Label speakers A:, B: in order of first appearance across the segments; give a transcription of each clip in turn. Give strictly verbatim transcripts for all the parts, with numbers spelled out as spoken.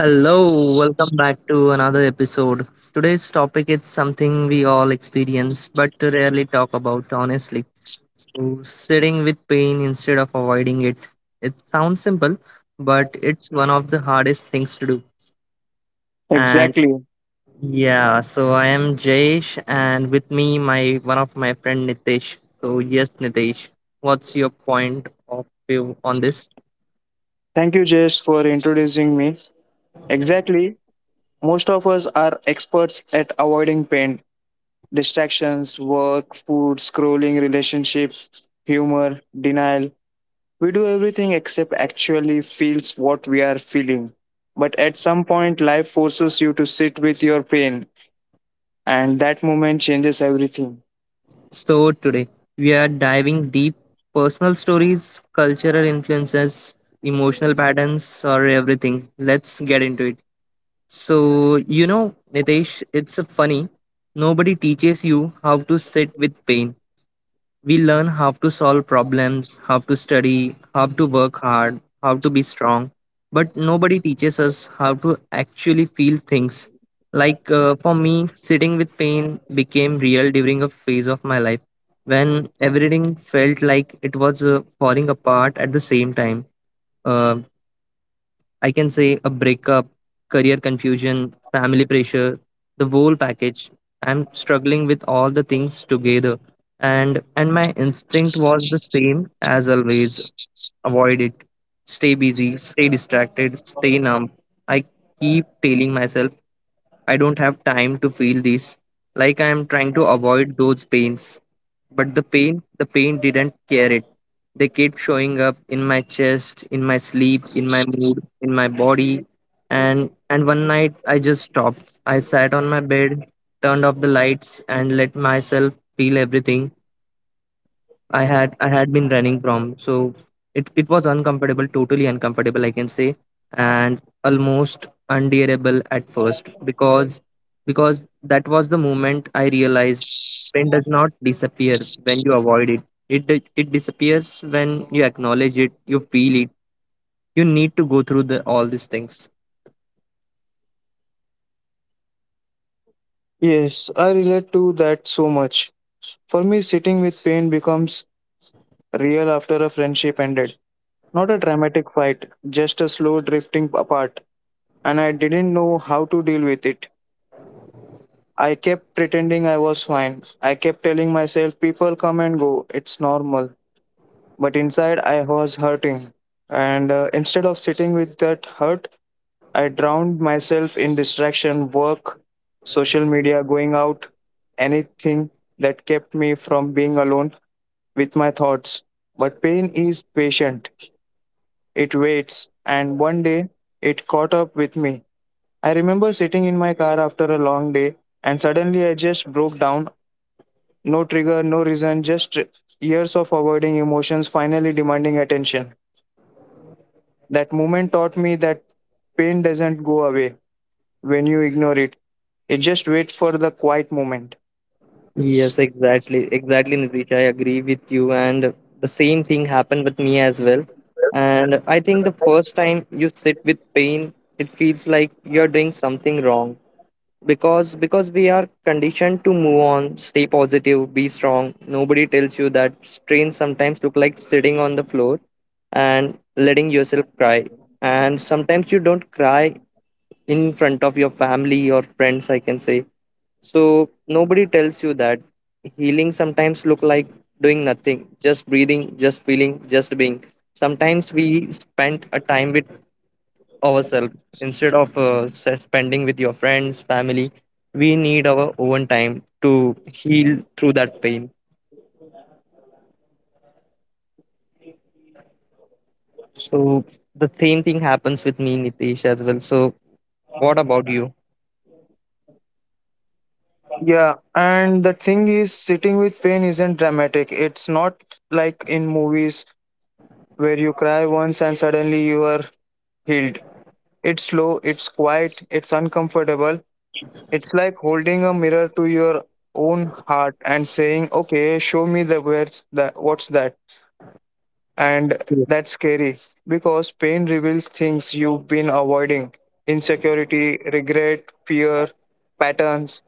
A: Hello, welcome back to another episode. Today's topic is something we all experience but rarely talk about honestly. So, sitting with pain instead of avoiding it. It sounds simple, but it's one of the hardest things to do. And
B: Exactly.
A: yeah, so I am Jayesh and with me my one of my friend Nitesh. So, yes Nitesh, what's your point of view on this?
B: Thank you, Jess, for introducing me. Exactly. Most of us are experts at avoiding pain, distractions, work, food, scrolling, relationship, humor, denial. We do everything except actually feels what we are feeling. But at some point, life forces you to sit with your pain, and that moment changes everything.
A: So, today we are diving deep personal stories, cultural influences, emotional patterns, or everything. Let's get into it. So, you know, Nitesh, it's funny. Nobody teaches you how to sit with pain. We learn how to solve problems, how to study, how to work hard, how to be strong, but nobody teaches us how to actually feel things. Like uh, for me, sitting with pain became real during a phase of my life when everything felt like it was uh, falling apart at the same time. Uh, I can say a breakup, career confusion, family pressure, the whole package. I'm struggling with all the things together, and and my instinct was the same as always: avoid it, stay busy, stay distracted, stay numb. I keep telling myself, I don't have time to feel this. Like I am trying to avoid those pains. But the pain, the pain didn't care it. They kept showing up in my chest, in my sleep, in my mood, in my body. And and one night I just stopped. I sat on my bed, turned off the lights and let myself feel everything I had I had been running from. So it it was uncomfortable, totally uncomfortable, I can say, and almost unbearable at first, because because that was the moment I realized pain does not disappear when you avoid it. It di- it disappears when you acknowledge it, you feel it. You need to go through the all these things.
B: Yes, I relate to that so much. For me, sitting with pain becomes real after a friendship ended. Not a dramatic fight, just a slow drifting apart. And I didn't know how to deal with it. I kept pretending I was fine. I kept telling myself, people come and go, it's normal. But inside, I was hurting. And uh, instead of sitting with that hurt, I drowned myself in distraction, work, social media, going out, anything that kept me from being alone with my thoughts. But pain is patient. It waits, and one day it caught up with me. I remember sitting in my car after a long day, and suddenly I just broke down. No trigger, no reason, just years of avoiding emotions finally demanding attention. That moment taught me that pain doesn't go away when you ignore it. It just waits for the quiet moment.
A: Yes, exactly. Exactly, Nitish. I agree with you. And the same thing happened with me as well. And I think the first time you sit with pain, it feels like you're doing something wrong. Because because we are conditioned to move on, stay positive, be strong. Nobody tells you that strain sometimes look like sitting on the floor and letting yourself cry. And sometimes you don't cry in front of your family or friends, I can say. So nobody tells you that healing sometimes look like doing nothing, just breathing, just feeling, just being. Sometimes we spend a time with ourselves instead of uh, s- spending with your friends family. We need our own time to heal through that pain. So the same thing happens with me, Nitesh, as well. So what about you?
B: Yeah, and the thing is, sitting with pain isn't dramatic. It's not like in movies where you cry once and suddenly you are healed. It's slow, it's quiet, it's uncomfortable. It's like holding a mirror to your own heart and saying, "Okay, show me the where's that what's that?" And that's scary because pain reveals things you've been avoiding. Insecurity, regret, fear, patterns,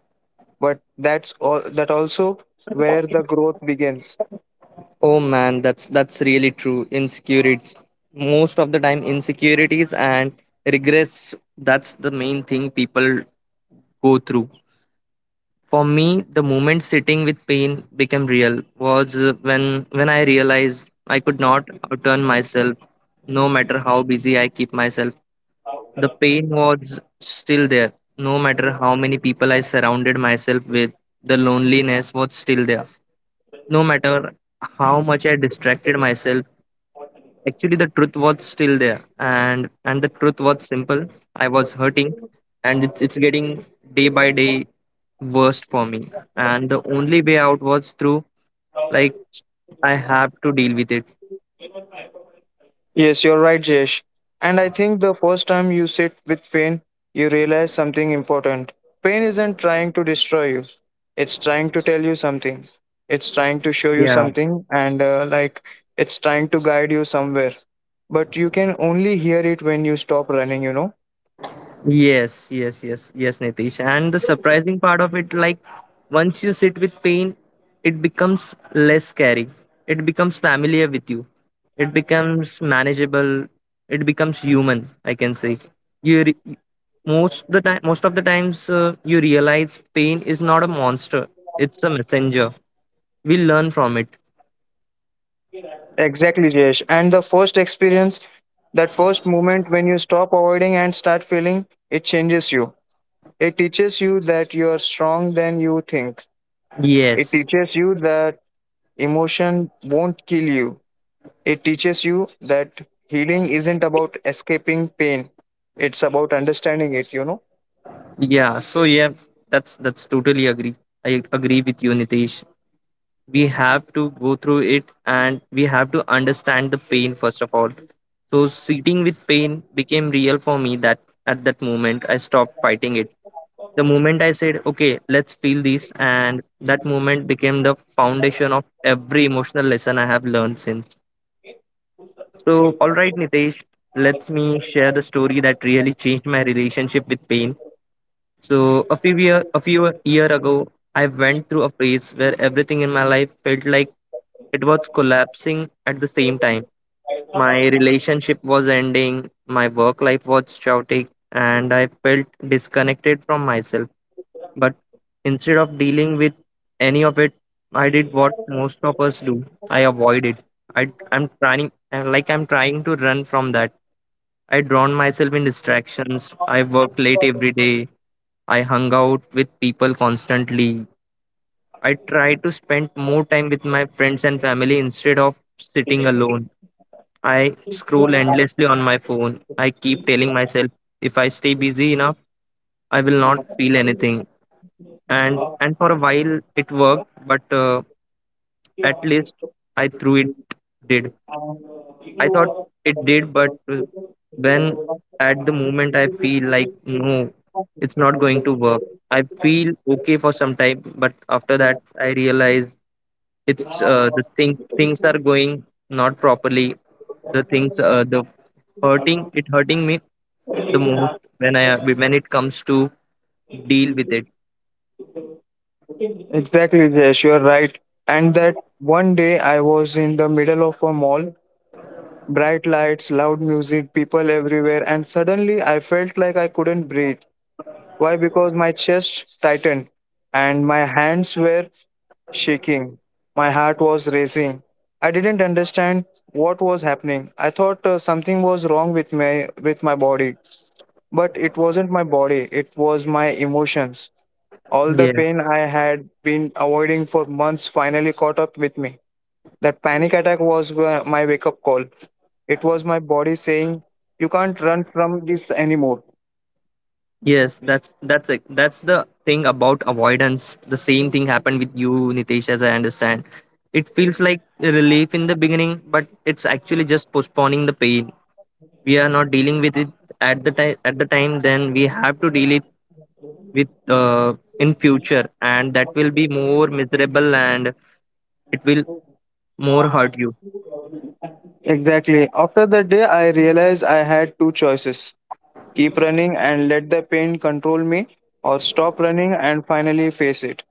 B: but that's all that also where the growth begins.
A: Oh man, that's that's really true. Insecurities, most of the time, insecurities and regrets. That's the main thing people go through. For me, the moment sitting with pain became real was uh, when when I realized I could not outturn myself, no matter how busy I keep myself. The pain was still there, no matter how many people I surrounded myself with. The loneliness was still there, no matter how much I distracted myself. Actually, the truth was still there, and and the truth was simple. I was hurting, and it's it's getting day by day worst for me. And the only way out was through, like, I have to deal with it.
B: Yes, you're right, Jesh. And I think the first time you sit with pain, you realize something important. Pain isn't trying to destroy you, it's trying to tell you something. It's trying to show you
A: Yeah.
B: something, and uh, like it's trying to guide you somewhere. But you can only hear it when you stop running, you know?
A: Yes, yes, yes, yes, Nitish. And the surprising part of it, like, once you sit with pain, it becomes less scary. It becomes familiar with you. It becomes manageable. It becomes human, I can say. You re- most the time, most of the times uh, You realize pain is not a monster. It's a messenger. We learn from it.
B: Exactly, Jesh. And the first experience, that first moment when you stop avoiding and start feeling, it changes you. It teaches you that you are strong than you think. It
A: Yes.
B: teaches you that emotion won't kill you. It teaches you that healing isn't about escaping pain, it's about understanding it, you know?
A: Yeah. So yeah, that's that's totally agree. I agree with you, Nitish. We have to go through it and we have to understand the pain first of all. So sitting with pain became real for me that at that moment I stopped fighting it. The moment I said, okay, let's feel this, and that moment became the foundation of every emotional lesson I have learned since. So all right, Nitesh, let me share the story that really changed my relationship with pain. So a few year, a few year ago, I went through a phase where everything in my life felt like it was collapsing at the same time. My relationship was ending, my work life was chaotic, and I felt disconnected from myself. But instead of dealing with any of it, I did what most of us do. I avoid it. I, I'm trying, I'm like I'm trying to run from that. I drown myself in distractions. I worked late every day. I hung out with people constantly. I tried to spend more time with my friends and family instead of sitting alone. I scroll endlessly on my phone. I keep telling myself if I stay busy enough, I will not feel anything. And and for a while it worked, but uh, at least I threw it did. I thought it did, but uh, when at the moment I feel like no, it's not going to work. I feel okay for some time, but after that I realize it's uh, the thing things are going not properly. The things uh, the hurting it hurting me the most when I, when it comes to deal with it.
B: Exactly, Jayesh, you're right. And that one day I was in the middle of a mall, bright lights, loud music, people everywhere, and suddenly I felt like I couldn't breathe. Why? Because my chest tightened and my hands were shaking. My heart was racing. I didn't understand what was happening. I thought uh, something was wrong with my with my body, but it wasn't my body. It was my emotions. All the
A: Yeah.
B: pain I had been avoiding for months finally caught up with me. That panic attack was wh- my wake up call. It was my body saying, "You can't run from this anymore."
A: Yes, that's that's it. That's the thing about avoidance. The same thing happened with you, Nitesh, as I understand. It feels like a relief in the beginning, but it's actually just postponing the pain. We are not dealing with it at the time. At the time, then we have to deal it with uh, in future, and that will be more miserable and it will more hurt you.
B: Exactly. After that day, I realized I had two choices: keep running and let the pain control me, or stop running and finally face it.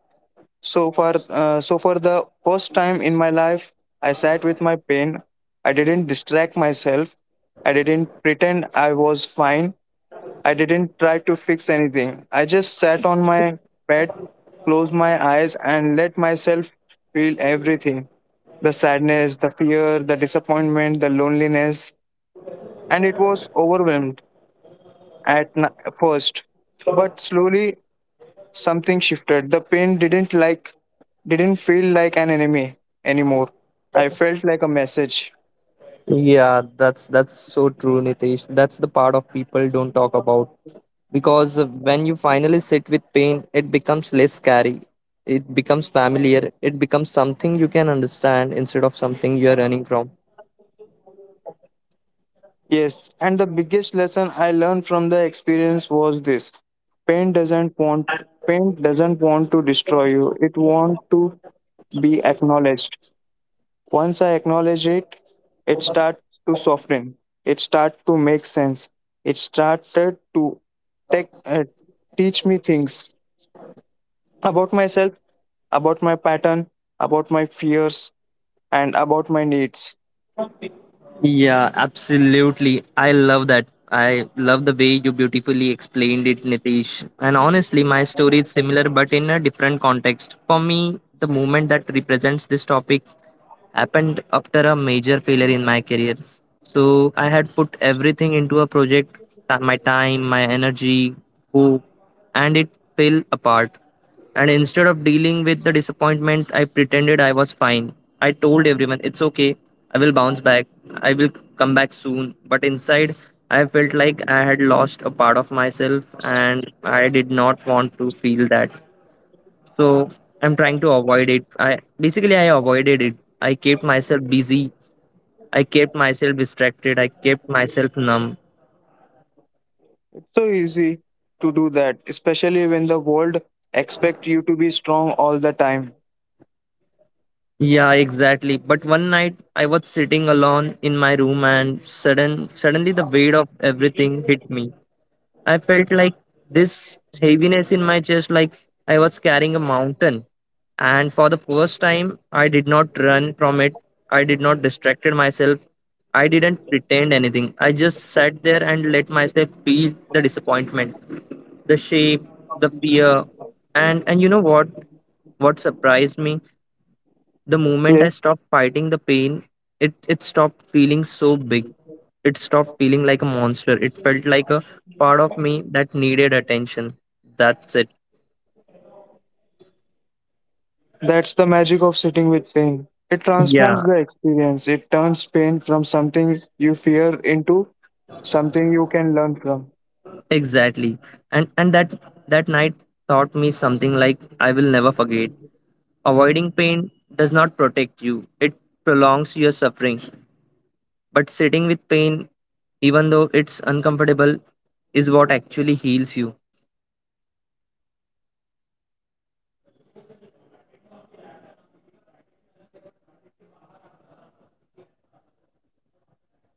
B: So for uh, so for the first time in my life, I sat with my pain. I didn't distract myself. I didn't pretend I was fine. I didn't try to fix anything. I just sat on my bed, closed my eyes, and let myself feel everything: the sadness, the fear, the disappointment, the loneliness. And it was overwhelmed at n- first. But slowly something shifted. The pain didn't like didn't feel like an enemy anymore. I felt like a message.
A: Yeah, that's that's so true, Nitesh. That's the part of people don't talk about, because when you finally sit with pain, it becomes less scary. It becomes familiar. It becomes something you can understand instead of something you're running from.
B: Yes, and the biggest lesson I learned from the experience was this. Pain doesn't want pain doesn't want to destroy you. It wants to be acknowledged. Once I acknowledge it, it start to soften. It start to make sense. It started to take, uh, teach me things about myself, about my pattern, about my fears, and about my needs.
A: Yeah, absolutely. I love that. I love the way you beautifully explained it, Nitesh. And honestly, my story is similar but in a different context. For me, the moment that represents this topic happened after a major failure in my career. So I had put everything into a project, ta- my time, my energy, hope, and it fell apart. And instead of dealing with the disappointment, I pretended I was fine. I told everyone, it's okay, I will bounce back, I will come back soon. But inside, I felt like I had lost a part of myself and I did not want to feel that. So I'm trying to avoid it. I basically i avoided it. I kept myself busy, I kept myself distracted, I kept myself numb.
B: It's so easy to do that, especially when the world expect you to be strong all the time.
A: Yeah, exactly. But one night I was sitting alone in my room and sudden suddenly the weight of everything hit me. I felt like this heaviness in my chest, like I was carrying a mountain. And for the first time, I did not run from it. I did not distracted myself. I didn't pretend anything. I just sat there and let myself feel the disappointment, the shame, the fear. And and you know what? What surprised me? The moment I
B: Yes,
A: stopped fighting the pain, it, it stopped feeling so big. It stopped feeling like a monster. It felt like a part of me that needed attention. That's it.
B: that's the magic of sitting with pain. It
A: Yeah,
B: transforms the experience. It turns pain from something you fear into something you can learn from.
A: exactly. And and that that night taught me something like I will never forget. Avoiding pain does not protect you. It prolongs your suffering. But sitting with pain, even though it's uncomfortable, is what actually heals you.
B: And that's why personal stories matter because pain isn't just an emotion, it's a teacher,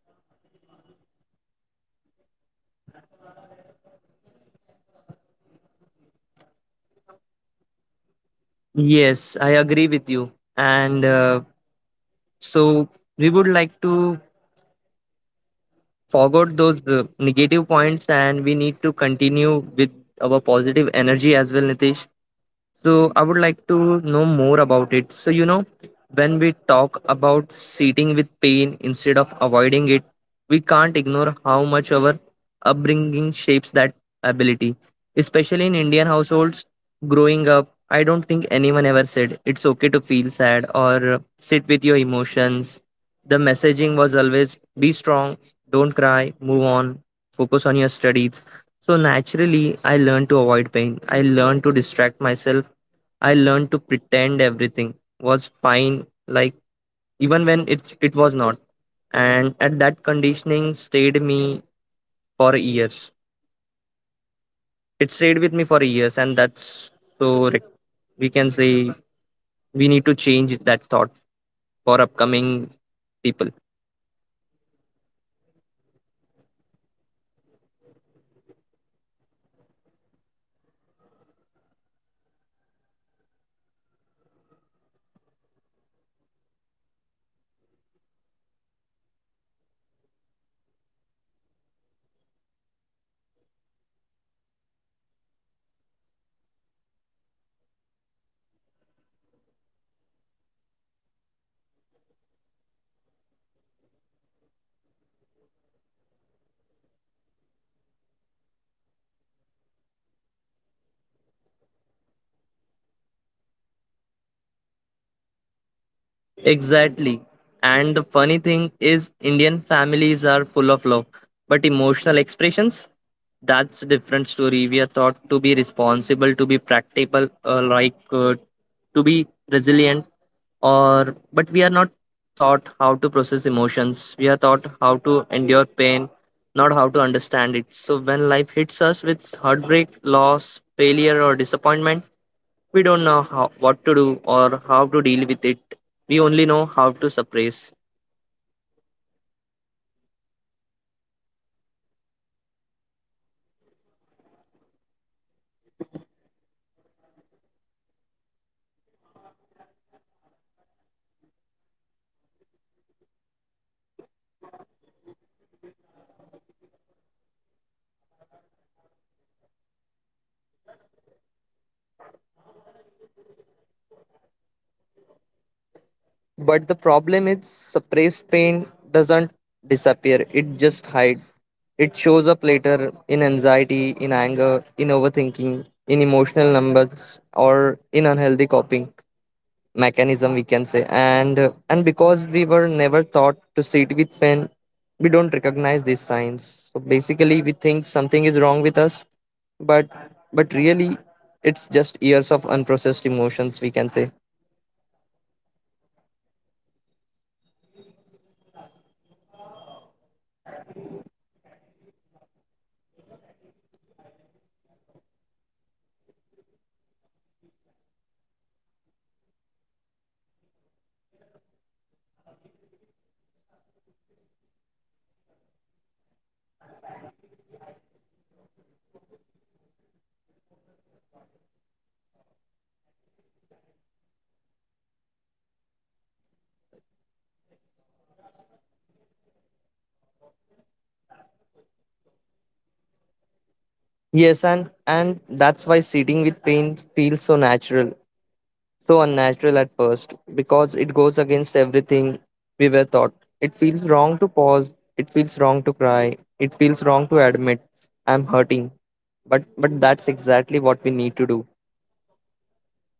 B: but you can learn from it when you stop running you know
A: Yes, I agree with you. And uh, so we would like to forget those uh, negative points and we need to continue with our positive energy as well, Nitish. So I would like to know more about it. So you know, when we talk about sitting with pain instead of avoiding it, we can't ignore how much our upbringing shapes that ability. Especially in Indian households, growing up, I don't think anyone ever said it's okay to feel sad or sit with your emotions. The messaging was always: be strong, don't cry, move on, focus on your studies. So naturally, I learned to avoid pain. I learned to distract myself. I learned to pretend everything was fine, like even when it it was not. And at that conditioning stayed me for years. It stayed with me
B: Same
A: for
B: here.
A: years, and that's so rec-
B: Hmm.
A: we can say, we need to change that thought for upcoming people.
B: Yes, you're right, and also same here. In my house, emotions were treated like something you should hide, not explore. If I was upset, the response was usually, why are you overreacting? And uh, like if I was hurt, it was, don't be so sensitive. So I grew up thinking pain was something to be ashamed of, some something to push away, something to get over quickly. Nobody taught me that pain is normal, part of being human. Nobody taught me that feeling deeply isn't weakness.
A: Exactly. And the funny thing is, Indian families are full of love, but emotional expressions, that's a different story. We are taught to be responsible, to be practical, uh, like uh, to be resilient, or but we are not taught how to process emotions. We are taught how to endure pain, not how to understand it. So when life hits us with heartbreak, loss, failure, or disappointment, we don't know how, what to do or how to deal with it. We only know how to suppress.
B: Yes, and suppression becomes a habit, a reflex. Sometimes you do automatically. If something hurts, you bury it. If something scares you, you ignore it. And like if something triggers you, you distract yourself. And because everyone around you is doing the same thing, you think it's normal, but it's not. You think avoiding pain is the right, is the correct way to live.
A: But the problem is suppressed pain doesn't disappear, it just hides. It shows up later in anxiety, in anger, in overthinking, in emotional numbers, or in unhealthy coping mechanism we can say and uh, and because we were never taught to sit with pain, we don't recognize these signs, so basically we think something is wrong with us, but but really it's just years of unprocessed emotions, we can say.
B: Exactly, Jesh. And I think uh, one of the biggest influence of our unbring- upbringing is the idea that emotions are inconvenient. Like if you you're sad, you're slowing down the family. If you're hurt, you're being dramatic. If you're overwhelmed, you're being weak. So we learn to hide everything. We learn to smile even even when we breaking we are breaking in from inside. We learn to function even when we are falling apart, you know.
A: Yes, and and that's why sitting with pain feels so natural, so unnatural at first, because it goes against everything we were taught. It feels wrong to pause, it feels wrong to cry, it feels wrong to admit I'm hurting. But but that's exactly what we need to do.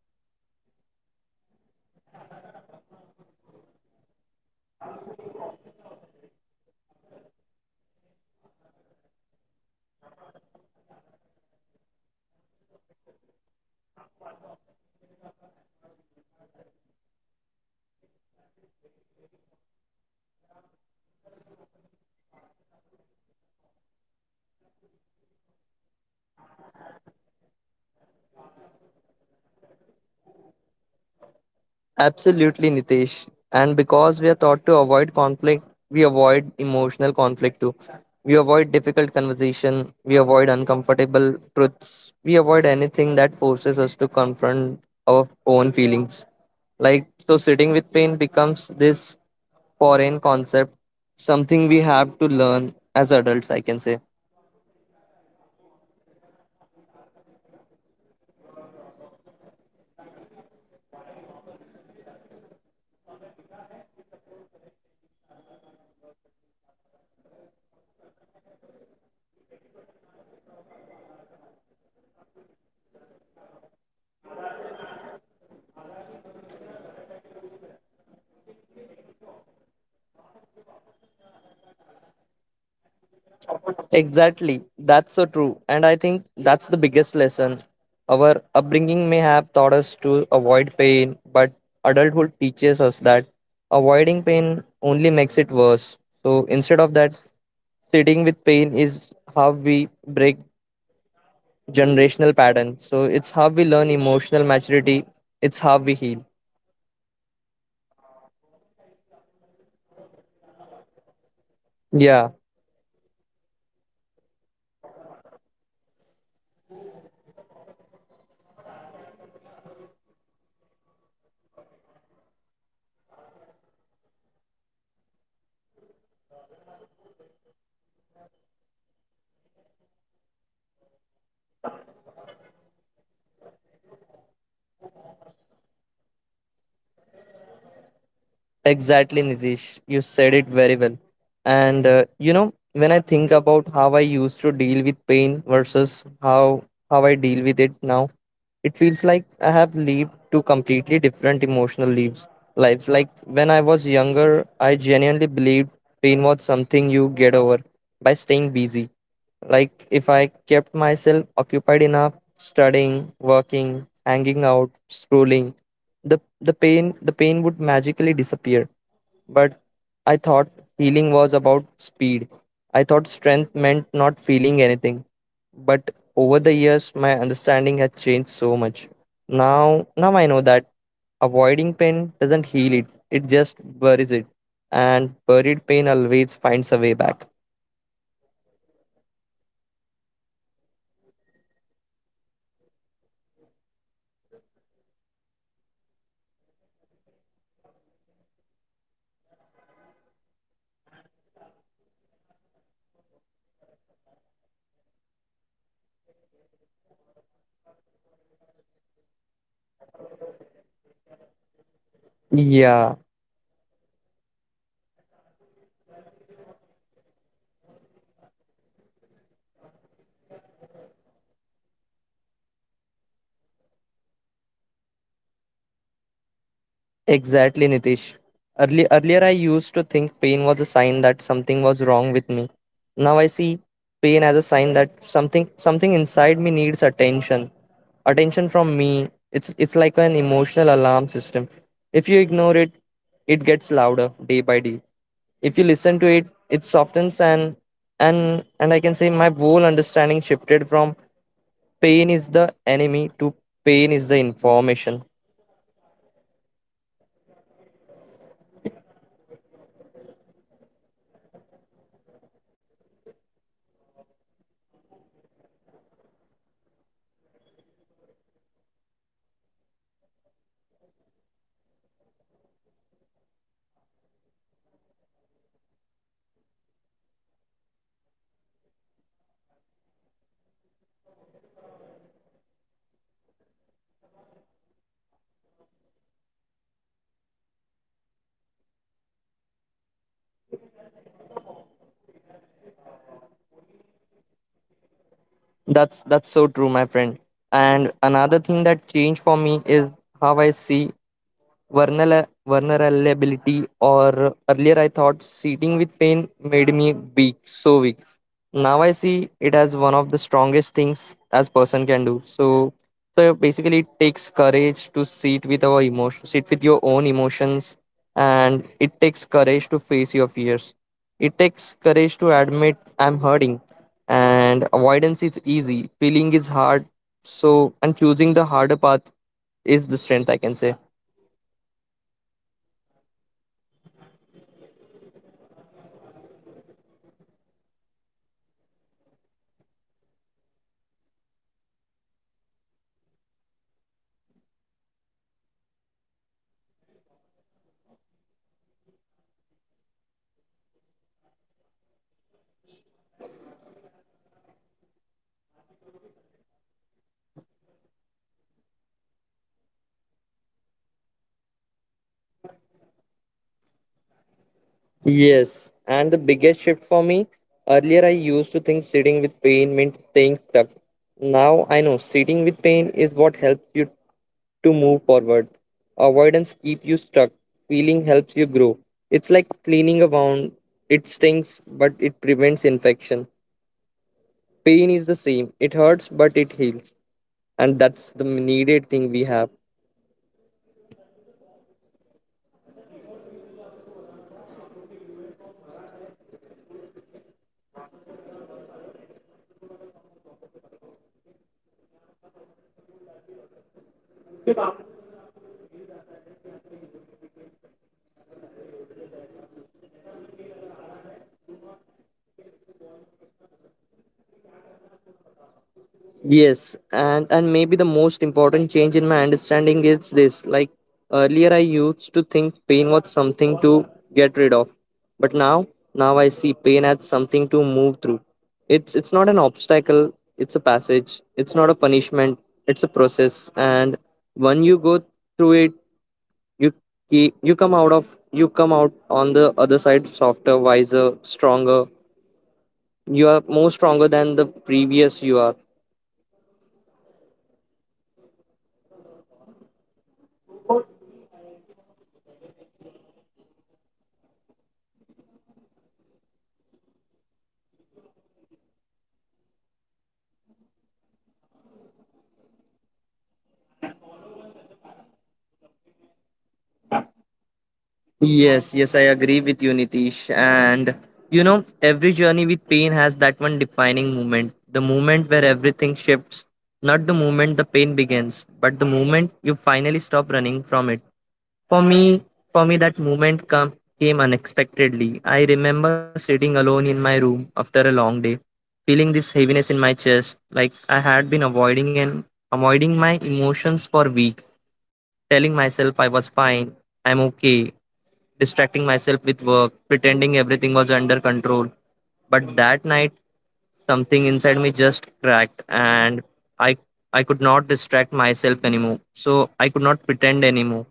B: Yes. And you know, another thing about Indian upbringing is that we are taught to prioritize others over ourselves. Family first, society first, reputation first. So when we are in pain, we don't want to burden anyone. We don't want to be a problem. We don't want to be seen as weak. So we keep everything inside, and that makes the pain be heavier.
A: Absolutely, Nitesh. And because we are taught to avoid conflict, we avoid emotional conflict too. We avoid difficult conversation. We avoid uncomfortable truths. We avoid anything that forces us to confront our own feelings. Like, so sitting with pain becomes this foreign concept, something we have to learn as adults, I can say.
B: Yes, and I honestly, the first time I sat with my pain, it felt like I was broken. I was breaking something upon up, upon rules. Like I wasn't supposed to feel this deeply, like I wasn't allowed to slow down, and uh, like I was doing something wrong. But slowly I realized that sitting with pain isn't healing me.
A: Exactly. That's so true. And I think that's the biggest lesson. Our upbringing may have taught us to avoid pain, but adulthood teaches us that avoiding pain only makes it worse. So instead of that, sitting with pain is how we break generational patterns. So it's how we learn emotional maturity, it's how we heal.
B: Yeah, and maybe that's the beauty of it. We may
A: Yeah.
B: not have grown up with emotional root tools, but uh, we can build them now. We can learn to sit with pain. We can learn to he- feel without shame. We can learn to heal without hiding. And in doing that, we become the generation that finally understanding emotions instead of running from them.
A: Exactly, Nitish. You said it very well. And uh, you know, when I think about how I used to deal with pain versus how how I deal with it now, it feels like I have lived two completely different emotional lives. Lives like when I was younger, I genuinely believed pain was something you get over by staying busy. Like if I kept myself occupied enough, studying, working, hanging out, scrolling, the the pain the pain would magically disappear, but I thought healing was about speed. I thought strength meant not feeling anything. But over the years, my understanding has changed so much. Now, now I know that avoiding pain doesn't heal it; it just buries it. And buried pain always finds a way back.
B: You are right, Jesh. Same here. When I was younger, I used to think sitting with pain was pointless. I thought, uh, why should I feel sad when I can distract myself? But I believed pain was something to escape, not something to understand. And uh, with time, I realized something important. Pain doesn't go away when you avoid it. It just waits for you.
A: Yeah,
B: And when it comes back, it comes back stronger. Now, I see sitting with pain as a form of emotional honesty, a way of saying, I'm not running anymore.
A: exactly, Nitish. Early, earlier, I used to think pain was a sign that something was wrong with me. Now I see pain as a sign that something something inside me needs attention. Attention from me. It's it's like an emotional alarm system. If you ignore it, it gets louder day by day. If you listen to it, it softens, and and and I can say my whole understanding shifted from pain is the enemy to pain is the information.
B: And you know what else changed? My understanding of time. Earlier, I thought time alone heals everything. Like, if I just waited a long, long enough, the pain would fade. But now I know time doesn't heal anything unless you you're willing to feel the pain during that time. Time doesn't heal. Awareness does. Time doesn't heal. Processing does. Time doesn't heal, and uh, acceptance does. Time only creates space for healing. You still have to do the emotional work.
A: That's that's so true, my friend. And another thing that changed for me is how I see vulnerable- vulnerability. Or earlier, I thought sitting with pain made me weak, so weak. Now I see it as one of the strongest things as person can do. So so basically, it takes courage to sit with our emotions, sit with your own emotions, and it takes courage to face your fears. It takes courage to admit I'm hurting. And avoidance is easy, feeling is hard, so and choosing the harder path is the strength, I can say.
B: Absolutely, you are right, Jesh. And I think the with age, you also realize that pain isn't something to be ashamed of, and like everyone feels it. Everyone goes through it. Everyone has moments where life breaks them open. But earlier, I used to hide my pain because I didn't want to seem dramatic or emotional. Now I understand that pain is part of being human. It's something to hide and it's something to honor.
A: Yes, and the biggest shift for me, earlier I used to think sitting with pain meant staying stuck. Now I know sitting with pain is what helps you to move forward. Avoidance keep you stuck. Feeling helps you grow. It's like cleaning a wound. It stings, but it prevents infection. Pain is the same. It hurts, but it heals. And that's the needed thing we have.
B: Yes, and over the years, I realized that sitting with pain teaches you things nothing else can. It teaches you patience, it teaches you self awareness, it teaches you compassion, for yourself and for others. It teaches you boundaries. It teaches you what you truly need. Avoidance teaches you nothing. Pain teaches you everything.
A: Yes, and and maybe the most important change in my understanding is this. Like earlier, I used to think pain was something to get rid of, but now now I see pain as something to move through. It's it's not an obstacle. It's a passage. It's not a punishment. It's a process, and when you go through it, you ke- you come out of you come out on the other side softer, wiser, stronger. You are more stronger than the previous you are.
B: Exactly. So, yeah, my understanding of sitting with pain has changed completely for avoid, from avoidance to acceptance, from fear to curiosity, from shame to compassion. And honestly, that shifted has that shift has changed my entire emotional life.
A: Yes, yes, I agree with you, Nitish. And you know, every journey with pain has that one defining moment, the moment where everything shifts, not the moment the pain begins, but the moment you finally stop running from it. For me, for me, that moment come, came unexpectedly. I remember sitting alone in my room after a long day, feeling this heaviness in my chest, like I had been avoiding and avoiding my emotions for weeks, telling myself I was fine, I'm okay, distracting myself with work, pretending everything was under control. But that night, something inside me just cracked, and I I could not distract myself anymore. So I could not pretend anymore.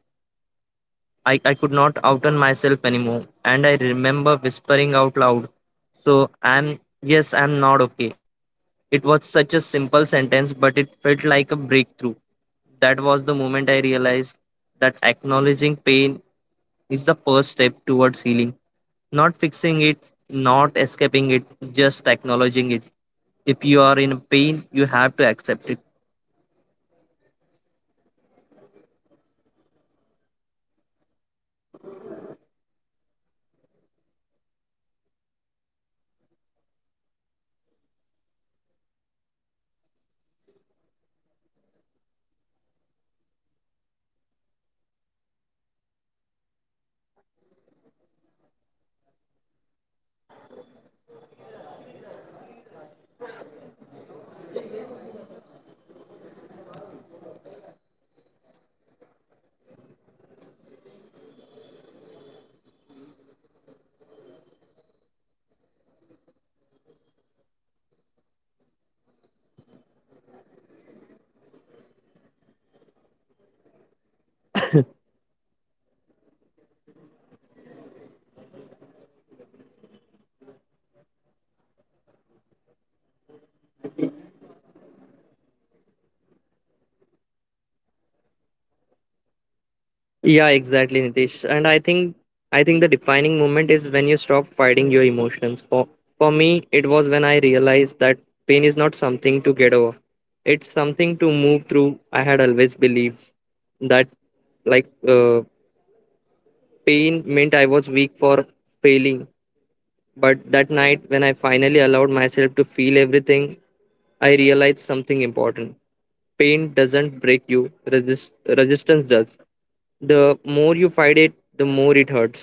A: I, I could not outen myself anymore. And I remember whispering out loud, So I'm, yes, I'm not okay. It was such a simple sentence, but it felt like a breakthrough. That was the moment I realized that acknowledging pain is the first step towards healing. Not fixing it, not escaping it, just acknowledging it. If you are in pain, you have to accept it.
B: Well said, Jayesh. That's very power. That's very powerful, and it's so true. The defi- the defined moment is rarely dramatic. It's usually quiet, also gentle. For me, the define defining moment happened during a conversation with someone I trusted. I was walking about I was talking about something completely unrelated and suddenly I felt tears in my eyes. I wasn't uh, even talking about my pain, but it was there, sitting right under the surface. And instead of swallowing it like I always did, I let myself cry. Not a breakdown, not a dramatic show, just to re- just a release. And uh, in that moment, I realized how much I had been holding in, how much I had been pretending, and like how much I have been avoiding. That moment taught me that pain doesn't need a grand stage; it just needs permission.
A: Yeah, exactly, Nitish. And I think I think the defining moment is when you stop fighting your emotions. For for me, it was when I realized that pain is not something to get over. It's something to move through. I had always believed that like uh, pain meant I was weak for failing. But that night, when I finally allowed myself to feel everything, I realized something important. Pain doesn't break you, resist- resistance does. The more you fight it, the more it hurts.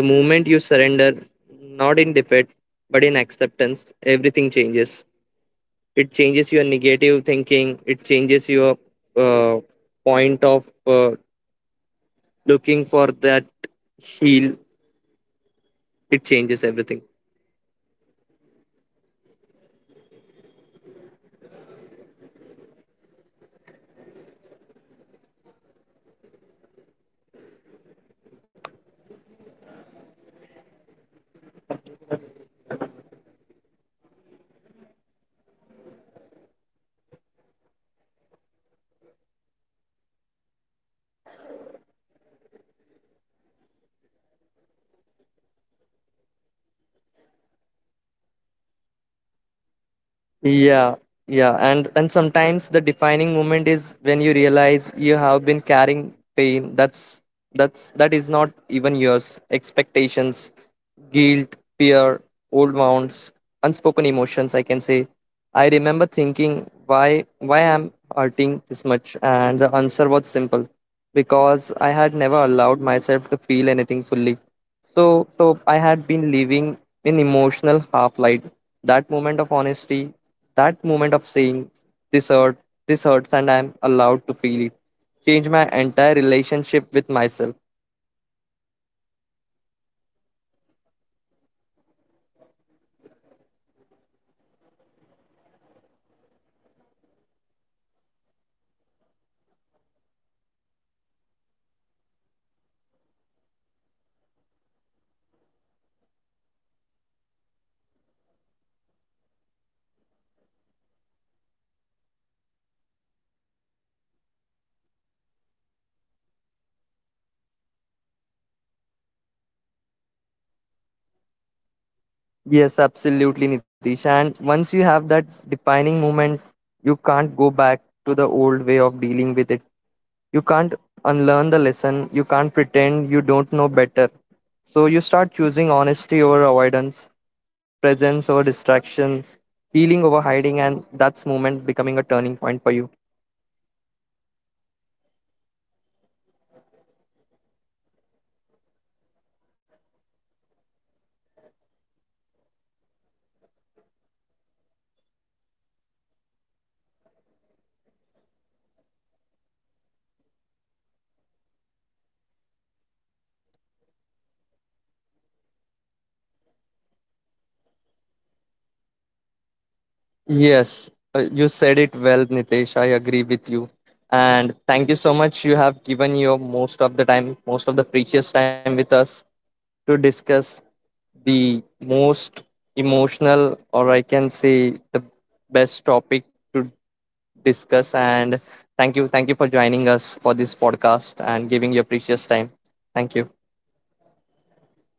A: The moment you surrender, not in defeat, but in acceptance, everything changes. It changes your negative thinking, it changes your uh, point of uh, looking for that heal, it changes everything.
B: Exactly, Jayesh. And you know what? My, uh, what my defini- uh, defining my m- moment taught me that pain is not the enemy. Avoidance is. Avoidance makes the pain bigger, heavier, sharper. Sitting with it makes it understandable. It turns it turns this hi- huge, terrifying monster into something human, something familiar. That moment of crying,
A: Yeah, yeah, and and sometimes the defining moment is when you realize you have been carrying pain that's that's that is not even yours, expectations, guilt, fear, old wounds, unspoken emotions, I can say. I remember thinking, why why am hurting this much, and the answer was simple. Because I had never allowed myself to feel anything fully. So, so I had been living in emotional half light. That moment of honesty, that moment of saying, this hurt, this hurts, and I'm allowed to feel it, changed my entire relationship with myself.
B: and sometimes the defining moment is when you stop blaming yourself for the pain, for the situation, for the emotion, and for not being strong enough. I used to think sitting with pain means meant I was failing at, at life. But the movement taught me that l- sitting with pain is actually a form of strength. It's choosing to face what scares you instead of running from it.
A: Yes, absolutely, Nitish. And once you have that defining moment, you can't go back to the old way of dealing with it. You can't unlearn the lesson, you can't pretend you don't know better. So you start choosing honesty over avoidance, presence over distraction, healing over hiding, and that's moment becoming a turning point for you.
B: Absolutely. And once you have that defined moment, you can't go back to the older way of dealing with pain. You can't unlearn the lesson. You can't pretend you ca- you don't know better. You start choosing honestly over uh, honesty over avoidance, presence over distraction, healing over hiding. That moment becomes a turning point.
A: Yes, uh, you said it well, Nitesh. I agree with you. And thank you so much. You have given your most of the time, most of the precious time with us to
B: Thank
A: discuss
B: you, Jayesh.
A: the most emotional, or I can say, the best topic to discuss. And thank you. Thank you for joining us for this podcast and giving your precious time. Thank you.
B: Thank you.